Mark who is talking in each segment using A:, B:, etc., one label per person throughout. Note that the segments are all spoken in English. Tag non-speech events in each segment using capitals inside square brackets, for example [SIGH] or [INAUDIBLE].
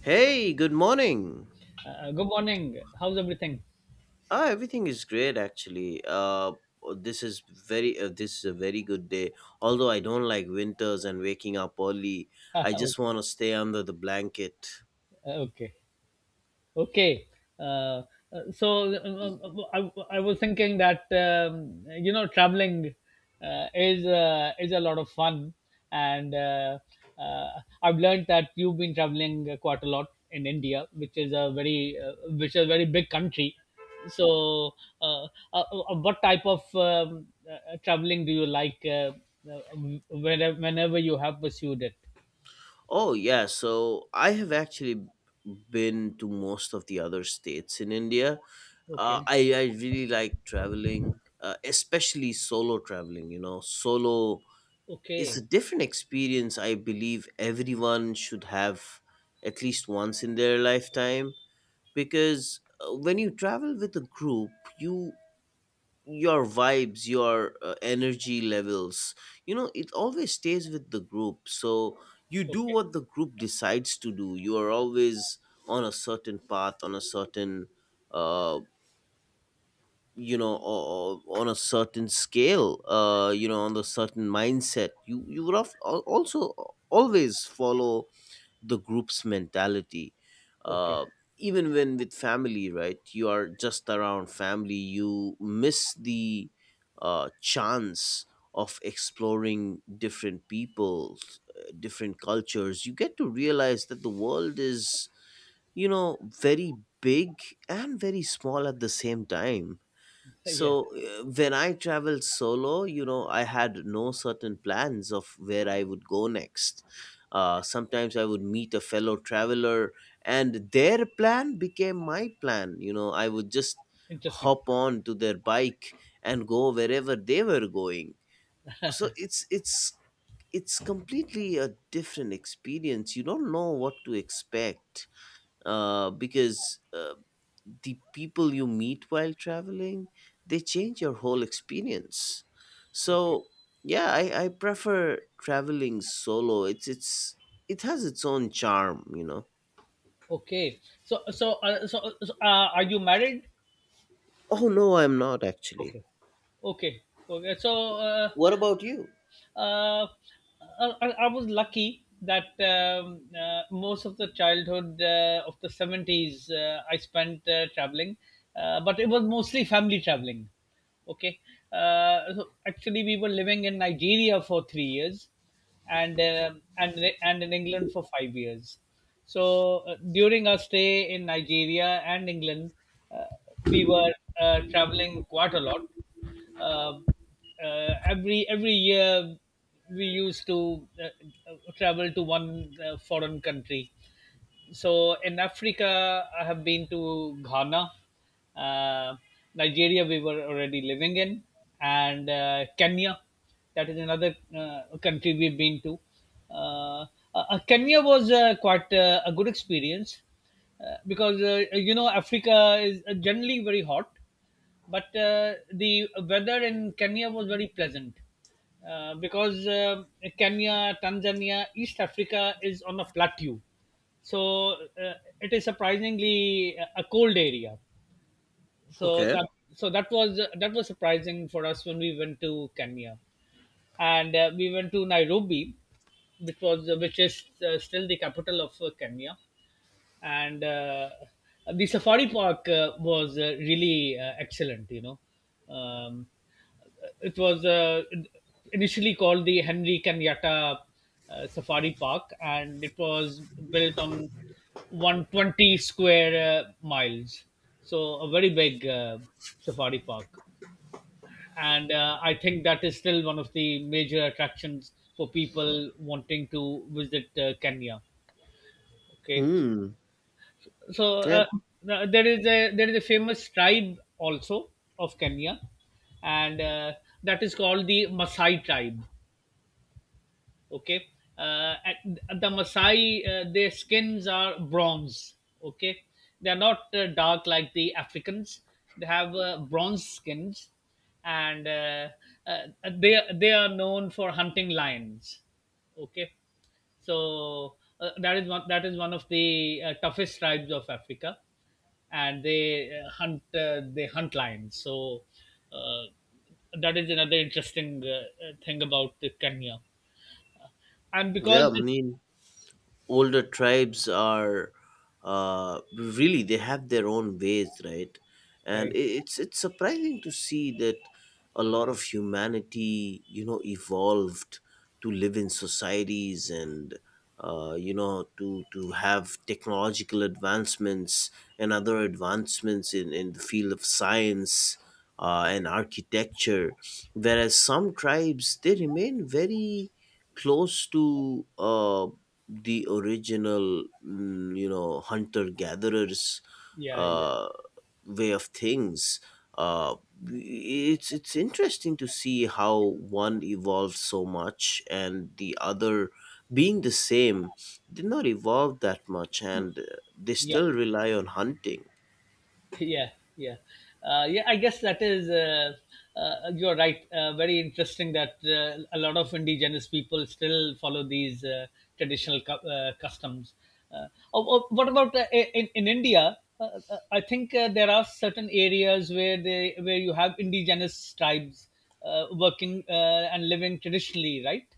A: Hey, good morning.
B: Good morning. How's everything?
A: Everything is great actually. This is this is a very good day. Although I don't like winters and waking up early, I just
B: [LAUGHS]
A: want to stay under the blanket.
B: okay. Okay. Uh, uh, so I was thinking that traveling is a lot of fun, and uh, I've learned that you've been traveling quite a lot in India, which is a very big country. So, uh, what type of traveling do you like? Uh, whenever you have pursued it.
A: Oh, yeah, so I have actually been to most of the other states in India.
B: Okay.
A: I really like traveling, especially solo traveling. You know, solo It's a
B: Okay,
A: different experience. I believe everyone should have at least once in their lifetime, because when you travel with a group, you your vibes, your energy levels, you know, it always stays with the group. So you do
B: okay,
A: what the group decides to do. You are always on a certain path, on a certain uh, on a certain scale, you know, on the certain mindset. You would have also always follow the group's mentality.
B: okay.
A: uh Even when with family, right, you are just around family, you miss the chance of exploring different peoples, different cultures. You get to realize that the world is, you know, very big and very small at the same time.
B: [LAUGHS] Yeah,
A: So when I traveled solo, you know, I had no certain plans of where I would go next. Sometimes I would meet a fellow traveler, and their plan became my plan. You know, I would just
B: interesting.
A: hop on to their bike and go wherever they were going. So it's completely a different experience. You don't know what to expect, because the people you meet while traveling, they change your whole experience.
B: Okay,
A: So yeah, I prefer traveling solo. It has its own charm, you know.
B: okay. So, are you married?
A: Oh, no, I'm not actually.
B: Okay, okay, okay. So,
A: What about you?
B: uh, uh, I was lucky that most of the childhood of the 70s I spent traveling, but it was mostly family traveling. Okay. So actually, we were living in Nigeria for 3 years and, uh, and, and in England for 5 years. So during our stay in Nigeria and England, uh, we were traveling quite a lot, uh, every year we used to travel to one foreign country. So in Africa, I have been to Ghana, uh, Nigeria. We were already living in, and Kenya. That is another country we've been to. Uh, Kenya was quite a good experience, because you know Africa is generally very hot, but the weather in Kenya was very pleasant, because Kenya, Tanzania, East Africa is on a plateau. So it is surprisingly a cold area. so
A: Okay.
B: that so that was that was surprising for us when we went to Kenya. And we went to Nairobi, which is still the capital of Kenya. And the safari park was really excellent, you know. um, it was initially called the Henry Kenyatta safari park, and it was built on 120 square miles. So a very big safari park. And I think that is still one of the major attractions for people wanting to visit Kenya. Okay.
A: Hmm.
B: So
A: Yeah,
B: there is a famous tribe also of Kenya, and that is called the Maasai tribe. Okay. And the Maasai, their skins are bronze. Okay, they are not dark like the Africans. They have bronze skins, and uh, they are known for hunting lions. Okay. So that is one of the toughest tribes of Africa, and they hunt they hunt lions. So uh, that is another interesting thing about Kenya. And
A: yeah I
B: because.
A: mean, older tribes are, really they have their own ways, right? And
B: Right,
A: it's surprising to see that a lot of humanity, you know, evolved to live in societies and, you know, to have technological advancements and other advancements in the field of science, and architecture. Whereas some tribes, they remain very close to, uh, the original, you know, hunter gatherers
B: yeah, yeah,
A: uh, way of things. Uh, it's it's interesting to see how one evolved so much and the other, being the same, did not evolve that much. And they
B: yeah.
A: still rely on hunting.
B: yeah yeah yeah, I guess that is you're right, very interesting that a lot of indigenous people still follow these traditional customs. uh, oh, what about in India? I think there are certain areas where you have indigenous tribes working and living traditionally, right?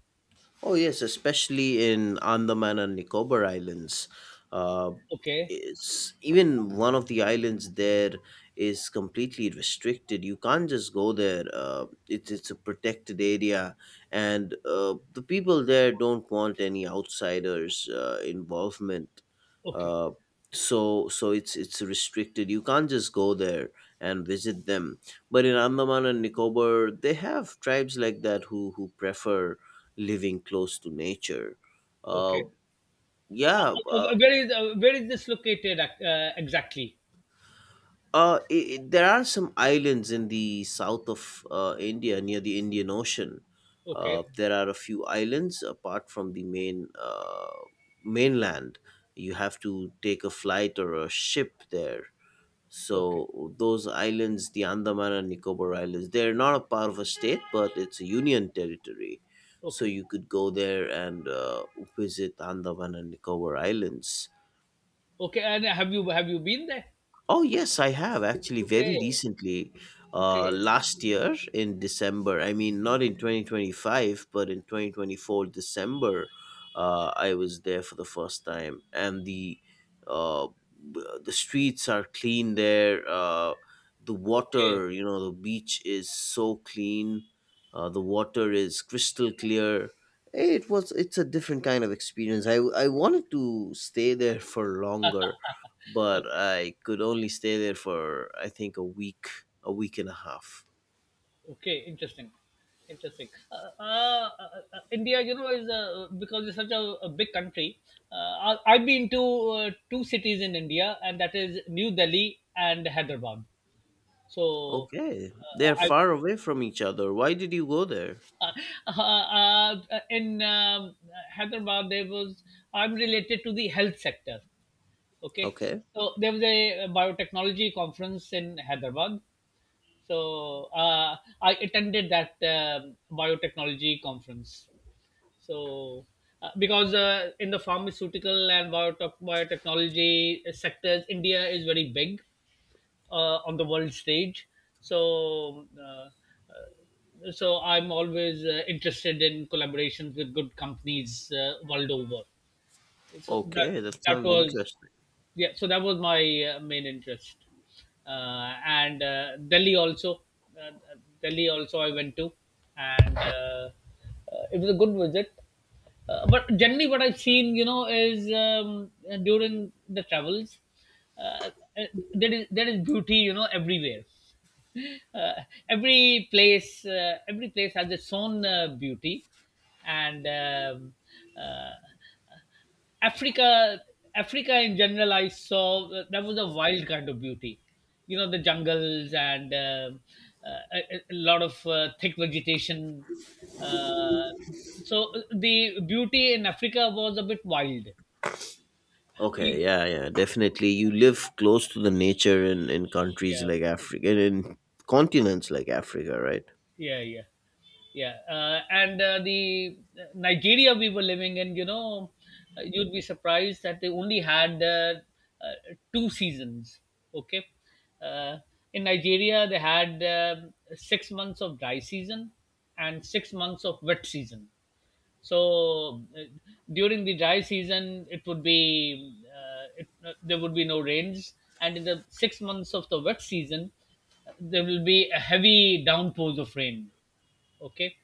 A: Oh yes, especially in Andaman and Nicobar Islands. Uh,
B: Okay,
A: it's even one of the islands there is completely restricted. You can't just go there. It's a protected area, and the people there don't want any outsiders involvement.
B: okay,
A: Uh, so it's restricted. You can't just go there and visit them. But in Andaman and Nicobar, they have tribes like that who prefer living close to nature. Uh,
B: okay.
A: yeah.
B: Where is this located, exactly?
A: There are some islands in the south of, India, near the Indian Ocean.
B: Okay,
A: There are a few islands apart from the mainland. You have to take a flight or a ship there.
B: okay,
A: So those islands, the Andaman and Nicobar Islands, they're not a part of a state, but it's a union territory. So
B: okay.
A: you could go there and visit Andaman and Nicobar Islands.
B: Okay, and have you been there?
A: Oh, yes, I have actually very
B: Okay,
A: recently,
B: okay,
A: last year in December. I mean, not in 2025, but in 2024, December, I was there for the first time. And uh, the streets are clean there. The
B: okay,
A: water, you know, the beach is so clean. The water is crystal clear. It's a different kind of experience. I wanted to stay there for longer, but
B: okay,
A: I could only stay there for I think a week and a half.
B: okay. Interesting, interesting. India, you know, is, because it's such a big country. I've been to two cities in India, and that is New Delhi and Hyderabad. So,
A: Okay, they're
B: I.
A: far away from each other. Why did you go there?
B: Uh, in Hyderabad, there was I'm related to the health sector. Okay,
A: Okay,
B: so there was a biotechnology conference in Hyderabad. So I attended that biotechnology conference. So because in the pharmaceutical and biotechnology sectors, India is very big on the world stage. So uh, so I'm always interested in collaborations with good companies world over. So that
A: okay, that
B: that
A: sounds
B: was
A: interesting.
B: Yeah, so that was my main interest. And uh, Delhi also I went to. And it was a good visit. But generally what I've seen, you know, is, during the travels, uh, uh, there is beauty, you know, everywhere. [LAUGHS] uh, every place has its own beauty. and um, uh, Africa, Africa in general, I saw, that was a wild kind of beauty. You know, the jungles and a lot of thick vegetation. Uh, so the beauty in Africa was a bit wild.
A: Okay,
B: E-
A: yeah, yeah, definitely. You live close to the nature in countries
B: Yeah,
A: like Africa, and in continents like Africa, right?
B: yeah, yeah. Yeah, and the Nigeria we were living in, you know, you'd be surprised that they only had two seasons. Okay. uh, in Nigeria they had 6 months of dry season and 6 months of wet season. So during the dry season, it would be it, there would be no rains, and in the 6 months of the wet season, there will be a heavy downpours of rain. Okay.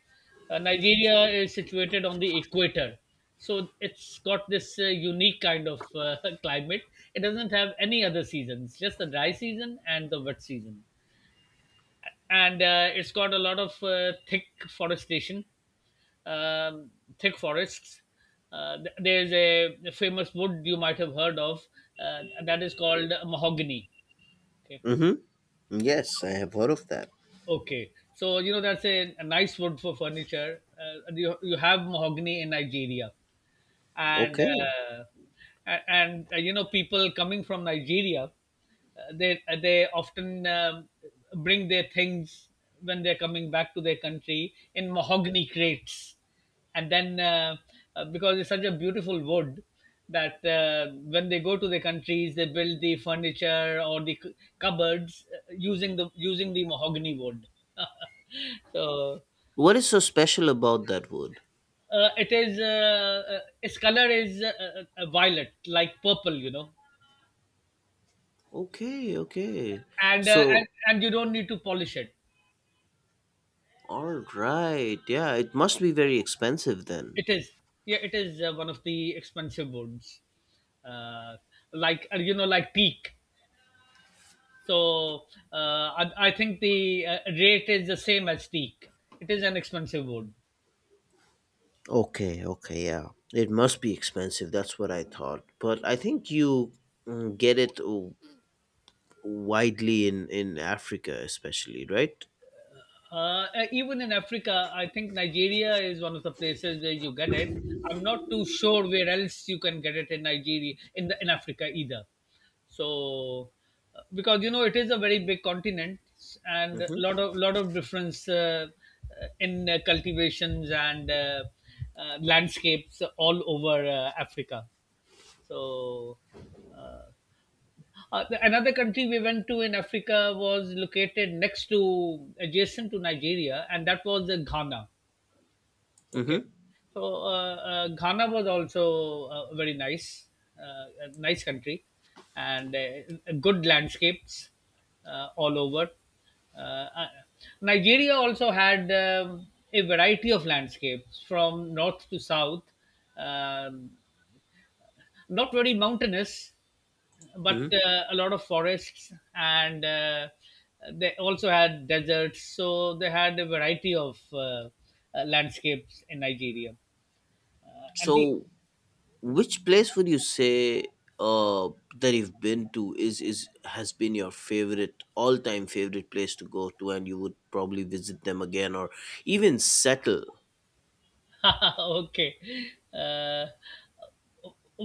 B: Nigeria is situated on the equator, so it's got this unique kind of [LAUGHS] climate. It doesn't have any other seasons, just the dry season and the wet season. And it's got a lot of thick forestation, um, thick forests. There's a famous wood you might have heard of, that is called mahogany. Okay.
A: Mm-hmm. Yes, I have heard of that.
B: Okay, so you know that's a nice wood for furniture. You have mahogany in Nigeria, and
A: Okay.
B: uh, and you know people coming from Nigeria, they often, bring their things when they're coming back to their country in mahogany crates, and then because it's such a beautiful wood that when they go to their countries they build the furniture or the cupboards using the mahogany wood. [LAUGHS] So.
A: What is so special about that wood?
B: It is Its color is violet, like purple, you know,
A: Okay, okay.
B: and uh,
A: So
B: and and you don't need to polish it.
A: All right. Yeah, it must be very expensive then.
B: It is Yeah, it is one of the expensive woods, uh, like, you know, like teak. So I think the rate is the same as teak. It is an expensive wood.
A: Okay, okay, yeah. It must be expensive. That's what I thought. But I think you get it widely in Africa especially, right?
B: Even in Africa, I think Nigeria is one of the places where you get it. I'm not too sure where else you can get it in Nigeria, in Africa either. So, because you know it is a very big continent and a lot
A: Mhm.
B: of difference in cultivations and landscapes all over Africa. So, uh, another country we went to in Africa was located next to, adjacent to Nigeria, and that was Ghana. Okay.
A: Mhm.
B: So Ghana was also very nice, a nice country, and good landscapes all over. Uh, uh, Nigeria also had, a variety of landscapes from north to south, um, not very mountainous, but
A: Mhm.
B: a lot of forests, and they also had deserts. So they had a variety of landscapes in Nigeria. And the.
A: So, which place would you say uh that you've been to is has been your favorite all-time favorite place to go to, and you would probably visit them again or even settle?
B: [LAUGHS] Okay. uh,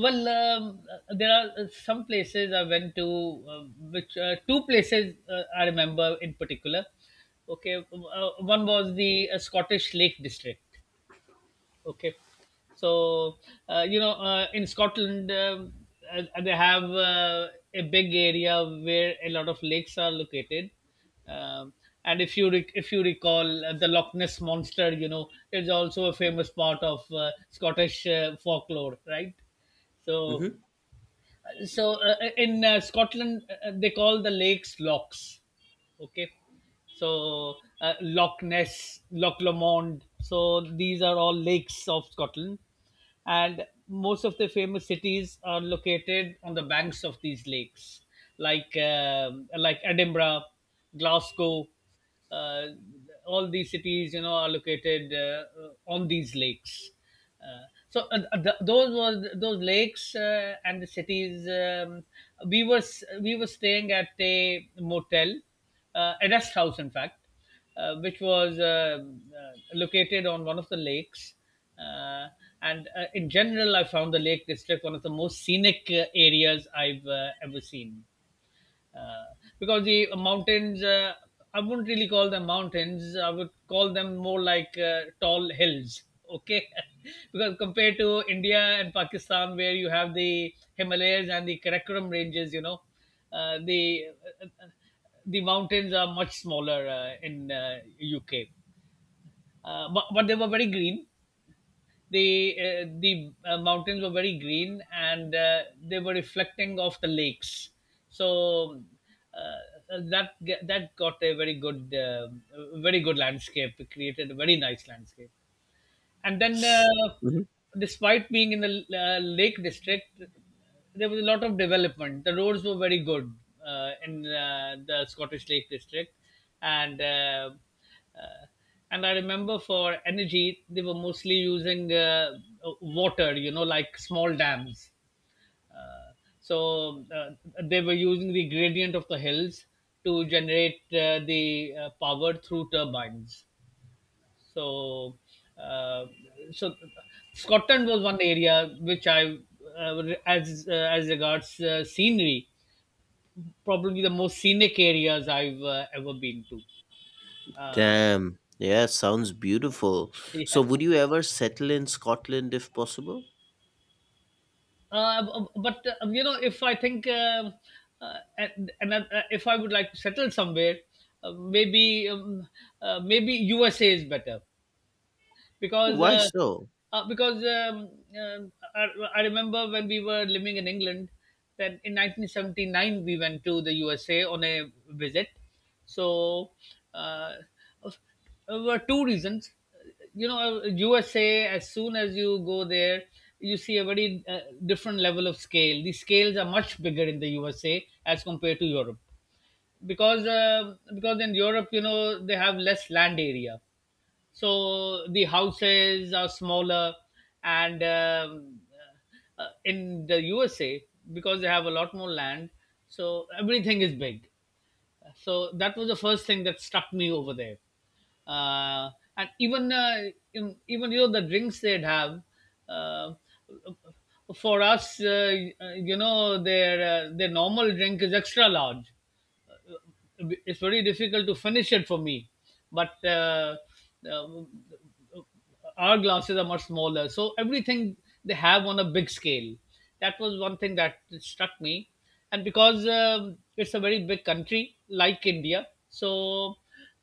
B: well, there are some places I went to, which two places I remember in particular. Okay. One was the Scottish Lake District. Okay. So you know, in Scotland, they have a big area where a lot of lakes are located, um, and if you recall, the Loch Ness monster, you know, is also a famous part of Scottish folklore, right? So
A: Mhm.
B: so in Scotland, they call the lakes locks. Okay, so Loch Ness, Loch Lomond, so these are all lakes of Scotland, and most of the famous cities are located on the banks of these lakes, like Edinburgh, Glasgow, uh, all these cities, you know, are located on these lakes. Uh, so th- those was those lakes and the cities. We were staying at a motel, a rest house in fact, which was located on one of the lakes. uh, and in general, I found the Lake District one of the most scenic areas I've ever seen, uh, because the mountains, I wouldn't really call them mountains, I would call them more like tall hills. Okay. [LAUGHS] Because compared to India and Pakistan, where you have the Himalayas and the Karakoram ranges, you know, uh, the the mountains are much smaller in UK. But they were very green. The mountains were very green, and they were reflecting off the lakes. So uh, that that got a very good very good landscape, it created a very nice landscape. And then, despite being in the Lake District, there was a lot of development, the roads were very good, in the Scottish Lake District. And uh, uh, and I remember, for energy, they were mostly using water, you know, like small dams. Uh, so uh, they were using the gradient of the hills to generate the power through turbines. So, uh, so Scotland was one area which I, as regards scenery, probably the most scenic areas I've ever been to. Uh,
A: Damn. Yeah, sounds beautiful.
B: yeah,
A: So, would you ever settle in Scotland if possible?
B: uh, but you know, if I think, and if I would like to settle somewhere, uh, maybe um, maybe USA is better. because
A: Why
B: uh,
A: so?
B: because um I, I remember when we were living in England that in 1979 we went to the USA on a visit. So, uh, there were two reasons. You know, USA. As soon as you go there, you see a very different level of scale. The scales are much bigger in the USA as compared to Europe, because in Europe, you know, they have less land area, so the houses are smaller. And In the USA, because they have a lot more land, so everything is big. So that was the first thing that struck me over there. Uh, and even uh, you know, the drinks they'd have, uh, for us, you know, their normal drink is extra large, it's very difficult to finish it for me. But uh, our glasses are much smaller, so everything they have on a big scale. That was one thing that struck me. And because it's a very big country like India, so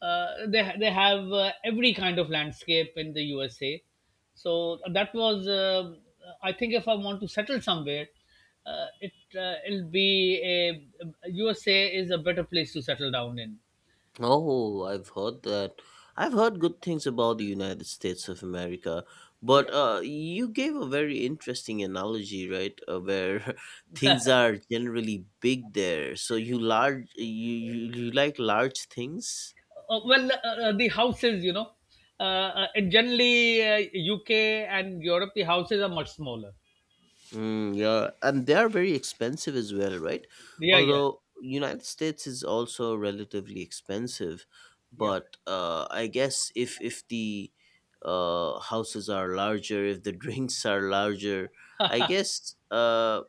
B: they have every kind of landscape in the USA. So that was I think, if I want to settle somewhere, it it'll be a USA is a better place to settle down in.
A: Oh, I've heard that. I've heard good things about the United States of America, but
B: Yeah.
A: you gave a very interesting analogy, right? Where [LAUGHS] things are generally big there. So you like large things?
B: Well, the houses, you know, uh, and generally UK and Europe, the houses are much smaller.
A: Mm, yeah, and they are very expensive as well, right?
B: Yeah, yeah.
A: Although United States is also relatively expensive,
B: Yeah,
A: but I guess if the houses are larger, if the [LAUGHS] drinks are larger, I guess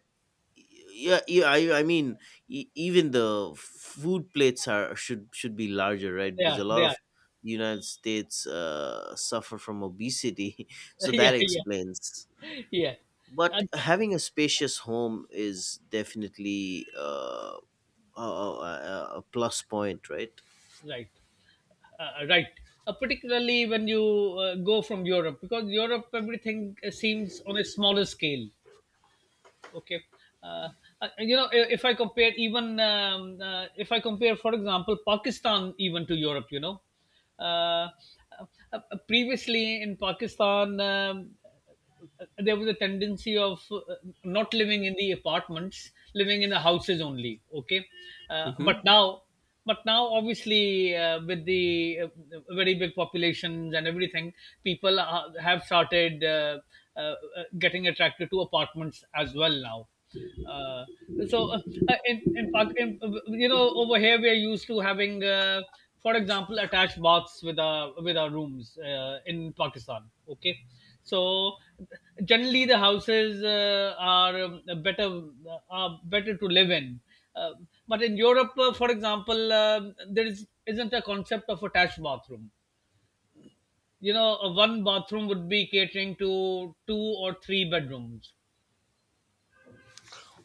A: yeah, yeah. I mean, even the food plates are should be larger, right?
B: they
A: Because a
B: are,
A: lot
B: they are.
A: of the United States suffer from obesity, [LAUGHS] so
B: [LAUGHS] Yeah,
A: that
B: yeah.
A: explains.
B: yeah uh,
A: But having a spacious home is definitely a plus point, right.
B: right uh, Right, particularly when you go from Europe, because Europe, everything seems on a smaller scale. Okay. uh, you know, if I compare, even, if I compare, for example, Pakistan even to Europe, you know, uh, uh, uh, previously in Pakistan, there was a tendency of not living in the apartments, living in the houses only, okay. But
A: Hmm.
B: now, but now obviously, with the very big populations and everything, people have started uh, uh, getting attracted to apartments as well now. Uh, so in, Pak- in you know, over here, we are used to having, for example, attached baths with our, with our rooms in Pakistan, okay. So generally, the houses are better, are better to live in. But in Europe, for example, there is isn't a concept of attached bathroom. You know, a one bathroom would be catering to two or three bedrooms.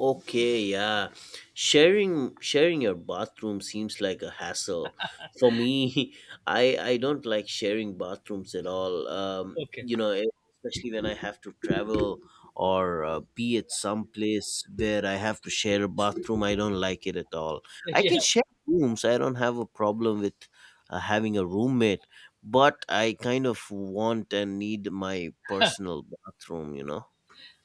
A: Okay, yeah. Sharing your bathroom seems like a hassle. For me, [LAUGHS] I don't like sharing bathrooms at all.
B: Okay.
A: Especially when I have to travel or be at some place where I have to share a bathroom, I don't like it at all.
B: [LAUGHS]
A: I
B: Yeah.
A: can share rooms. I don't have a problem with having a roommate, but I kind of want and need my personal bathroom.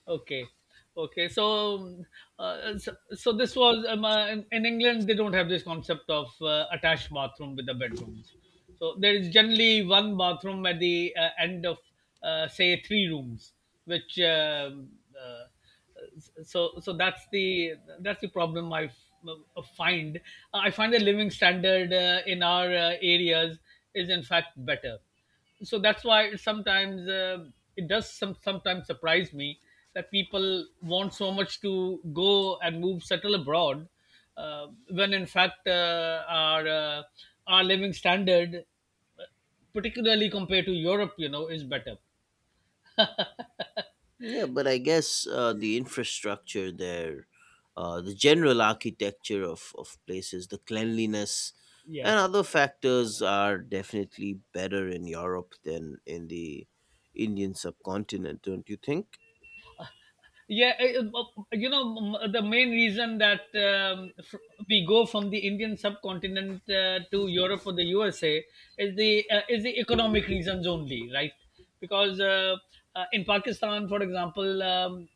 B: Okay, okay. So, so this was in England, they don't have this concept of attached bathroom with the bedrooms. So there is generally one bathroom at the end of, say, three rooms. Which uh, so so that's the problem I find. I find the living standard in our areas is, in fact, better. So that's why it sometimes, it does sometimes surprise me that people want so much to go and move settle abroad, when in fact, our living standard, particularly compared to Europe, you know, is better.
A: Yeah, but I guess the infrastructure there, the general architecture of places, the cleanliness,
B: Yeah.
A: and other factors are definitely better in Europe than in the Indian subcontinent, don't you think?
B: Yeah, you know, the main reason that, we go from the Indian subcontinent to Europe or the USA is the economic reasons only, right? Because in Pakistan, for example, um,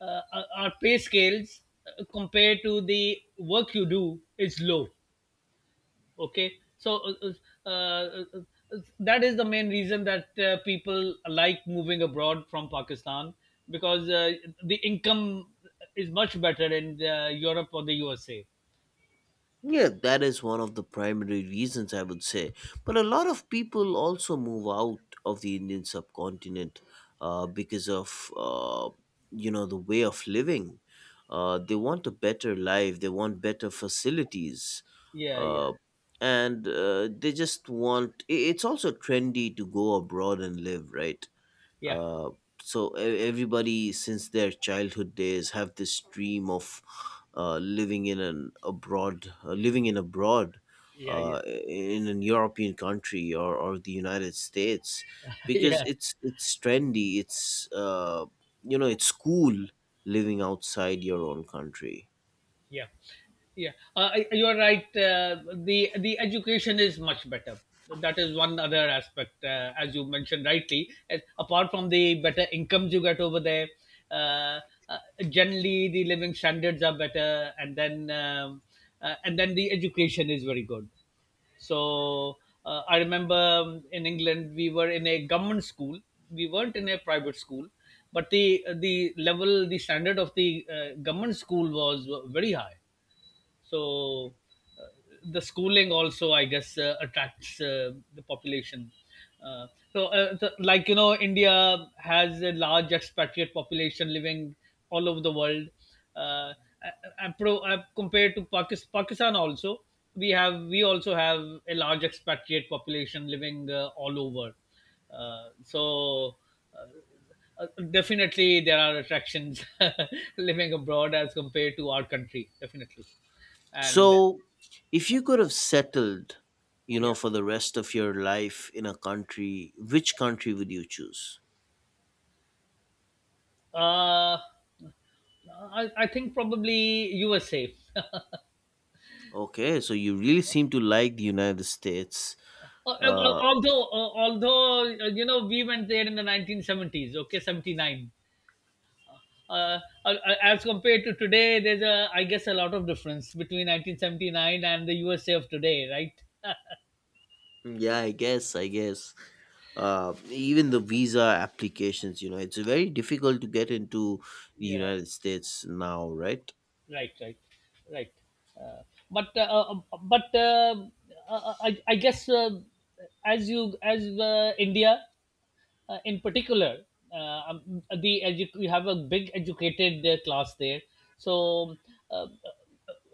B: uh, our our pay scales compared to the work you do is low. Okay, so that is the main reason that people like moving abroad from Pakistan, because the income is much better in Europe or the USA.
A: Yeah, that is one of the primary reasons, I would say. But a lot of people also move out of the Indian subcontinent, because of the way of living. They want a better life. They want better facilities,
B: Yeah, yeah.
A: uh, and they just want. It's also trendy to go abroad and live, right?
B: Yeah,
A: Uh, so everybody since their childhood days have this dream of living in abroad,
B: yeah. Yeah.
A: uh, in an European country, or the United States,
B: [LAUGHS]
A: because
B: Yeah.
A: it's trendy. It's cool living outside your own country.
B: Yeah, yeah. You are right. The education is much better. That is one other aspect, as you mentioned rightly. Apart from the better incomes you get over there, uh, uh, generally the living standards are better, and then, and then the education is very good. So I remember, in England, we were in a government school, we weren't in a private school, but the level, the standard of the government school was very high. So uh, the schooling also, I guess, attracts the population. Uh, so uh, the, like you know, India has a large expatriate population living all over the world. uh, I, Compared to Pakistan, Pakistan also, we also have a large expatriate population living all over. uh, so uh, Definitely, there are attractions [LAUGHS] living abroad as compared to our country. Definitely. And
A: So if you could have settled, you
B: yeah,
A: know, for the rest of your life in a country, which country would you choose?
B: uh, I think probably USA.
A: Okay, so you really seem to like the United States.
B: Uh, uh,
A: uh,
B: although uh, although uh, you know, we went there in the 1970s, okay, 79. uh, uh, uh, as compared to today, there's a, I guess, a lot of difference between 1979 and the USA of today, right?
A: Yeah, I guess, I guess. Even the visa applications, you know, it's very difficult to get into the
B: Yeah.
A: United States now, right?
B: Right, right, right. uh, but uh, uh, but I guess, as you as India, in particular, you have a big educated class there. So uh, uh,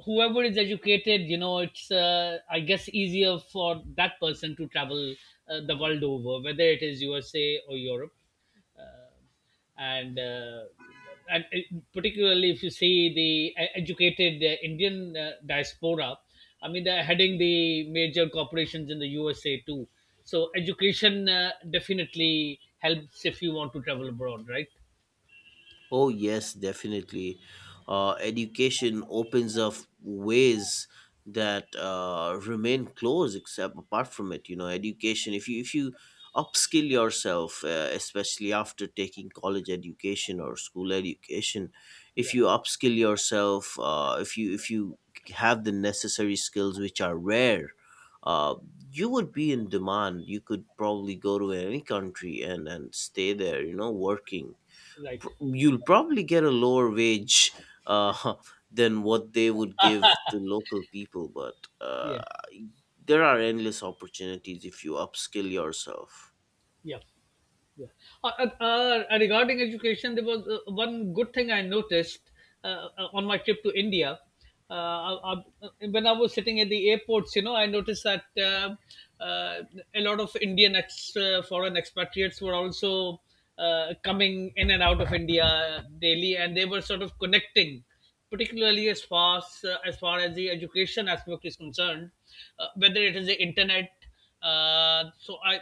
B: whoever is educated, you know, it's, I guess, easier for that person to travel the world over, whether it is USA or Europe. um and uh, and it, Particularly if you see the educated Indian diaspora, I mean, they're heading the major corporations in the USA too. So education definitely helps if you want to travel abroad, right?
A: Oh, yes, definitely. Education opens up ways that remain closed except apart from it. You know, education, if you upskill yourself, especially after taking college education or school education,
B: Yeah,
A: if you have the necessary skills, which are rare, uh, you would be in demand. You could probably go to any country and, stay there, you know, working
B: right.
A: you'll probably get a lower wage, uh, [LAUGHS] than what they would give the local people, but uh,
B: Yeah.
A: there are endless opportunities if you upskill yourself.
B: Yeah. Yeah. Uh, regarding education, there was one good thing I noticed on my trip to India. Uh, I, when I was sitting at the airports, you know, I noticed that, uh, a lot of Indian, foreign expatriates were also coming in and out of India daily, and they were sort of connecting, particularly as far as the education aspect is concerned, whether it is the internet. Uh, so I,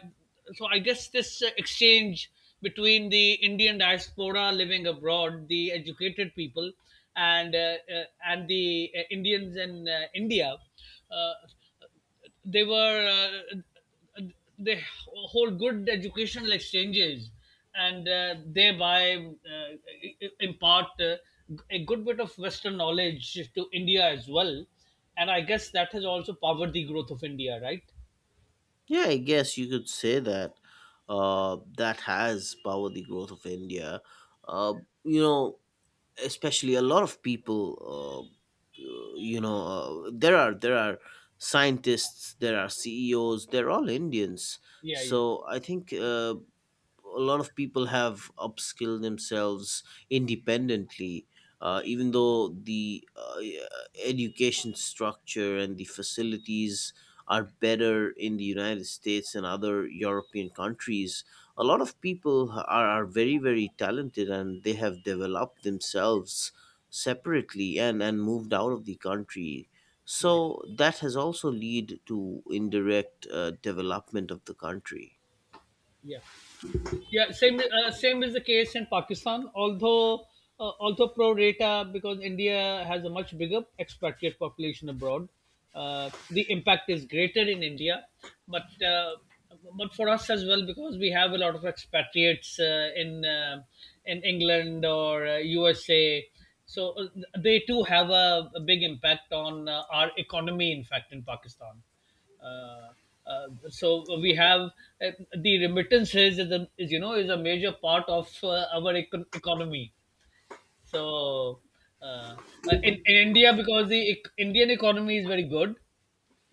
B: so I guess this exchange between the Indian diaspora living abroad, the educated people, and the Indians in India, uh, they were. They hold good educational exchanges, and thereby impart a good bit of western knowledge to India as well. And I guess that has also powered the growth of India, right?
A: Yeah, I guess you could say that has powered the growth of India. Uh, you know, especially a lot of people. Uh, you know, there are scientists, there are CEOs. They're all Indians.
B: Yeah. Yeah,
A: So I think a lot of people have upskilled themselves independently, even though the, yeah, education structure and the facilities are better in the United States and other European countries. A lot of people are very very talented, and they have developed themselves separately, and moved out of the country.
B: right.
A: So that has also led to indirect development of the country.
B: Yeah. Yeah, same is the case in Pakistan. Although, pro rata, because India has a much bigger expatriate population abroad, the impact is greater in India, but uh, but for us as well, because we have a lot of expatriates, in England or USA. So they too have a big impact on our economy. In fact, in Pakistan, uh, so we have uh, the remittances is, you know, is a major part of economy. So uh, in India, because the Indian economy is very good,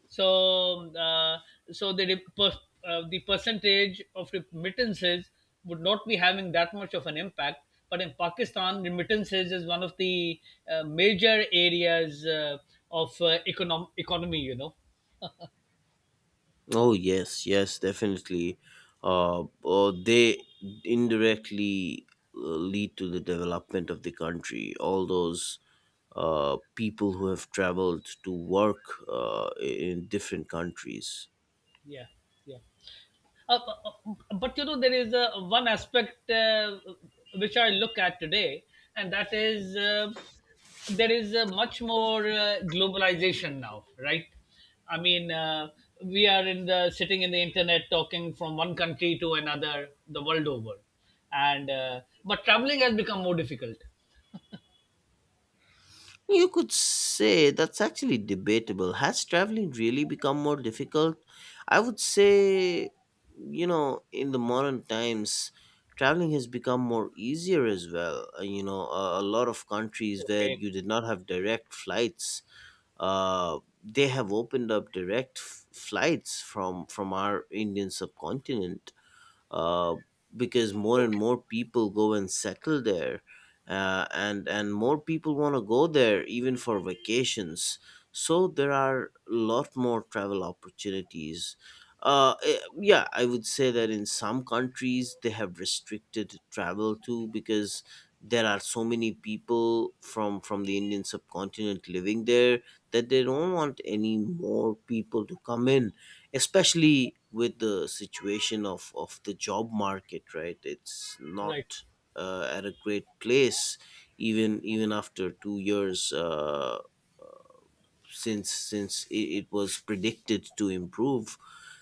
B: so so the re- per- the percentage of remittances would not be having that much of an impact. But in Pakistan, remittances is one of the major areas of economy, you know.
A: Oh yes, yes, definitely. They indirectly lead to the development of the country. All those people who have traveled to work in different countries.
B: Yeah, yeah. Uh, uh, but you know, there is one aspect which I look at today, and that is there is much more globalization now, right? I mean, we are in the sitting in the internet, talking from one country to another, the world over, and but traveling has become more difficult.
A: You could say that's actually debatable. Has traveling really become more difficult? I would say, you know, in the modern times, traveling has become more easier as well. You know, a lot of countries where
B: Okay,
A: you did not have direct flights, they have opened up direct flights from our Indian subcontinent, uh, because more and
B: okay,
A: more people go and settle there, and more people want to go there even for vacations. So there are a lot more travel opportunities. Yeah, I would say that in some countries they have restricted travel too, because there are so many people from the Indian subcontinent living there, that they don't want any more people to come in, especially with the situation of the job market, right? It's
B: right,
A: not at a great place, even after 2 years, since it was predicted to improve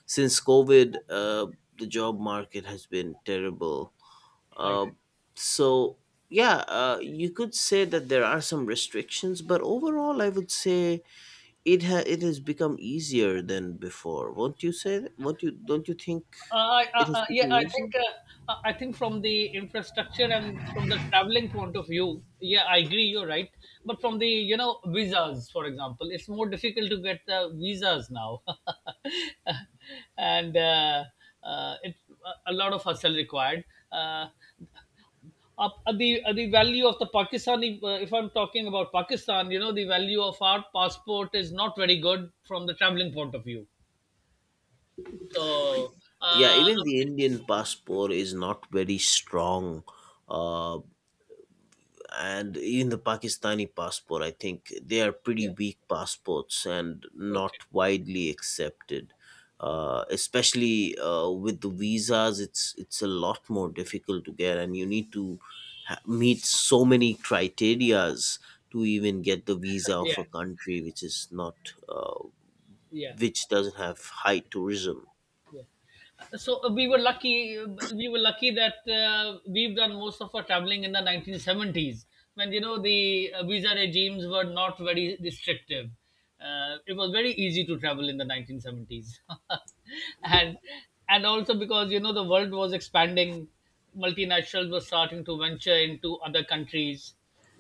A: since COVID. The job market has been terrible.
B: right.
A: Uh, so yeah, you could say that there are some restrictions, but overall I would say it has become easier than before. Won't you say that? Won't you Don't you think it has
B: Yeah,
A: become
B: I
A: easier?
B: think, I think from the infrastructure and from the traveling point of view, yeah, I agree, you're right. But from the, you know, visas, for example, it's more difficult to get the visas now, [LAUGHS] and, it a lot of hustle required. Uh, up the The value of the Pakistani, if I'm talking about Pakistan, you know, the value of our passport is not very good from the traveling point of view. So,
A: Yeah,
B: uh,
A: even the Indian passport is not very strong. uh and even the Pakistani passport, I think they are pretty
B: yeah,
A: weak passports and
B: okay.
A: not widely accepted. Especially with the visas, it's a lot more difficult to get, and you need to meet so many criterias to even get the visa
B: Yeah,
A: of a country which is not, uh,
B: yeah,
A: which doesn't have high tourism.
B: yeah. So we were lucky, we were lucky that we've done most of our traveling in the 1970s, when, you know, the visa regimes were not very restrictive. It was very easy to travel in the 1970s, [LAUGHS] and and also because, you know, the world was expanding, multinationals were starting to venture into other countries.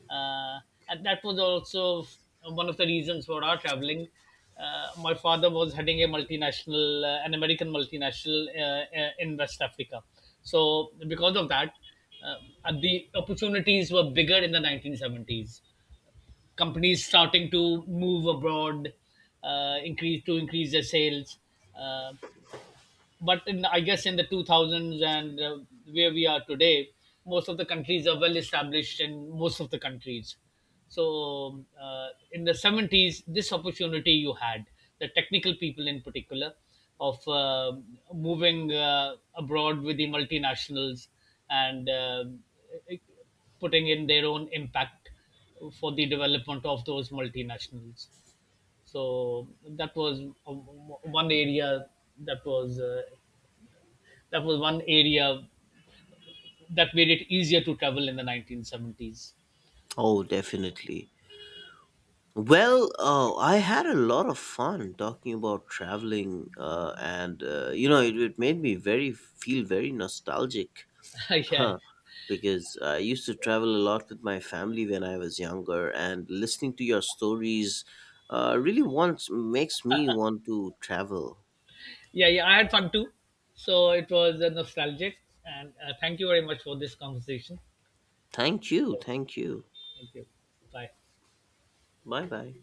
B: Uh, and that was also one of the reasons for our traveling. My father was heading a multinational, an American multinational, in West Africa. So, because of that, uh, the opportunities were bigger in the 1970s. Companies starting to move abroad, increase their sales. Uh, but in, I guess, in the 2000s, and, where we are today, most of the countries are well established in most of the countries. So, in the 70s, this opportunity you had, the technical people in particular, of moving abroad with the multinationals, and putting in their own impact for the development of those multinationals. So that was uh, one area that was uh, that was one area that made it easier to travel in the 1970s.
A: Oh, definitely. Well, I had a lot of fun talking about traveling, and you know, it made me very feel very nostalgic,
B: [LAUGHS] Yeah,
A: huh? Because I used to travel a lot with my family when I was younger, and listening to your stories really wants makes me want to travel.
B: yeah, yeah. I had fun too, so it was nostalgic. And thank you very much for this conversation.
A: Thank you, thank you.
B: Thank you. Bye.
A: Bye bye.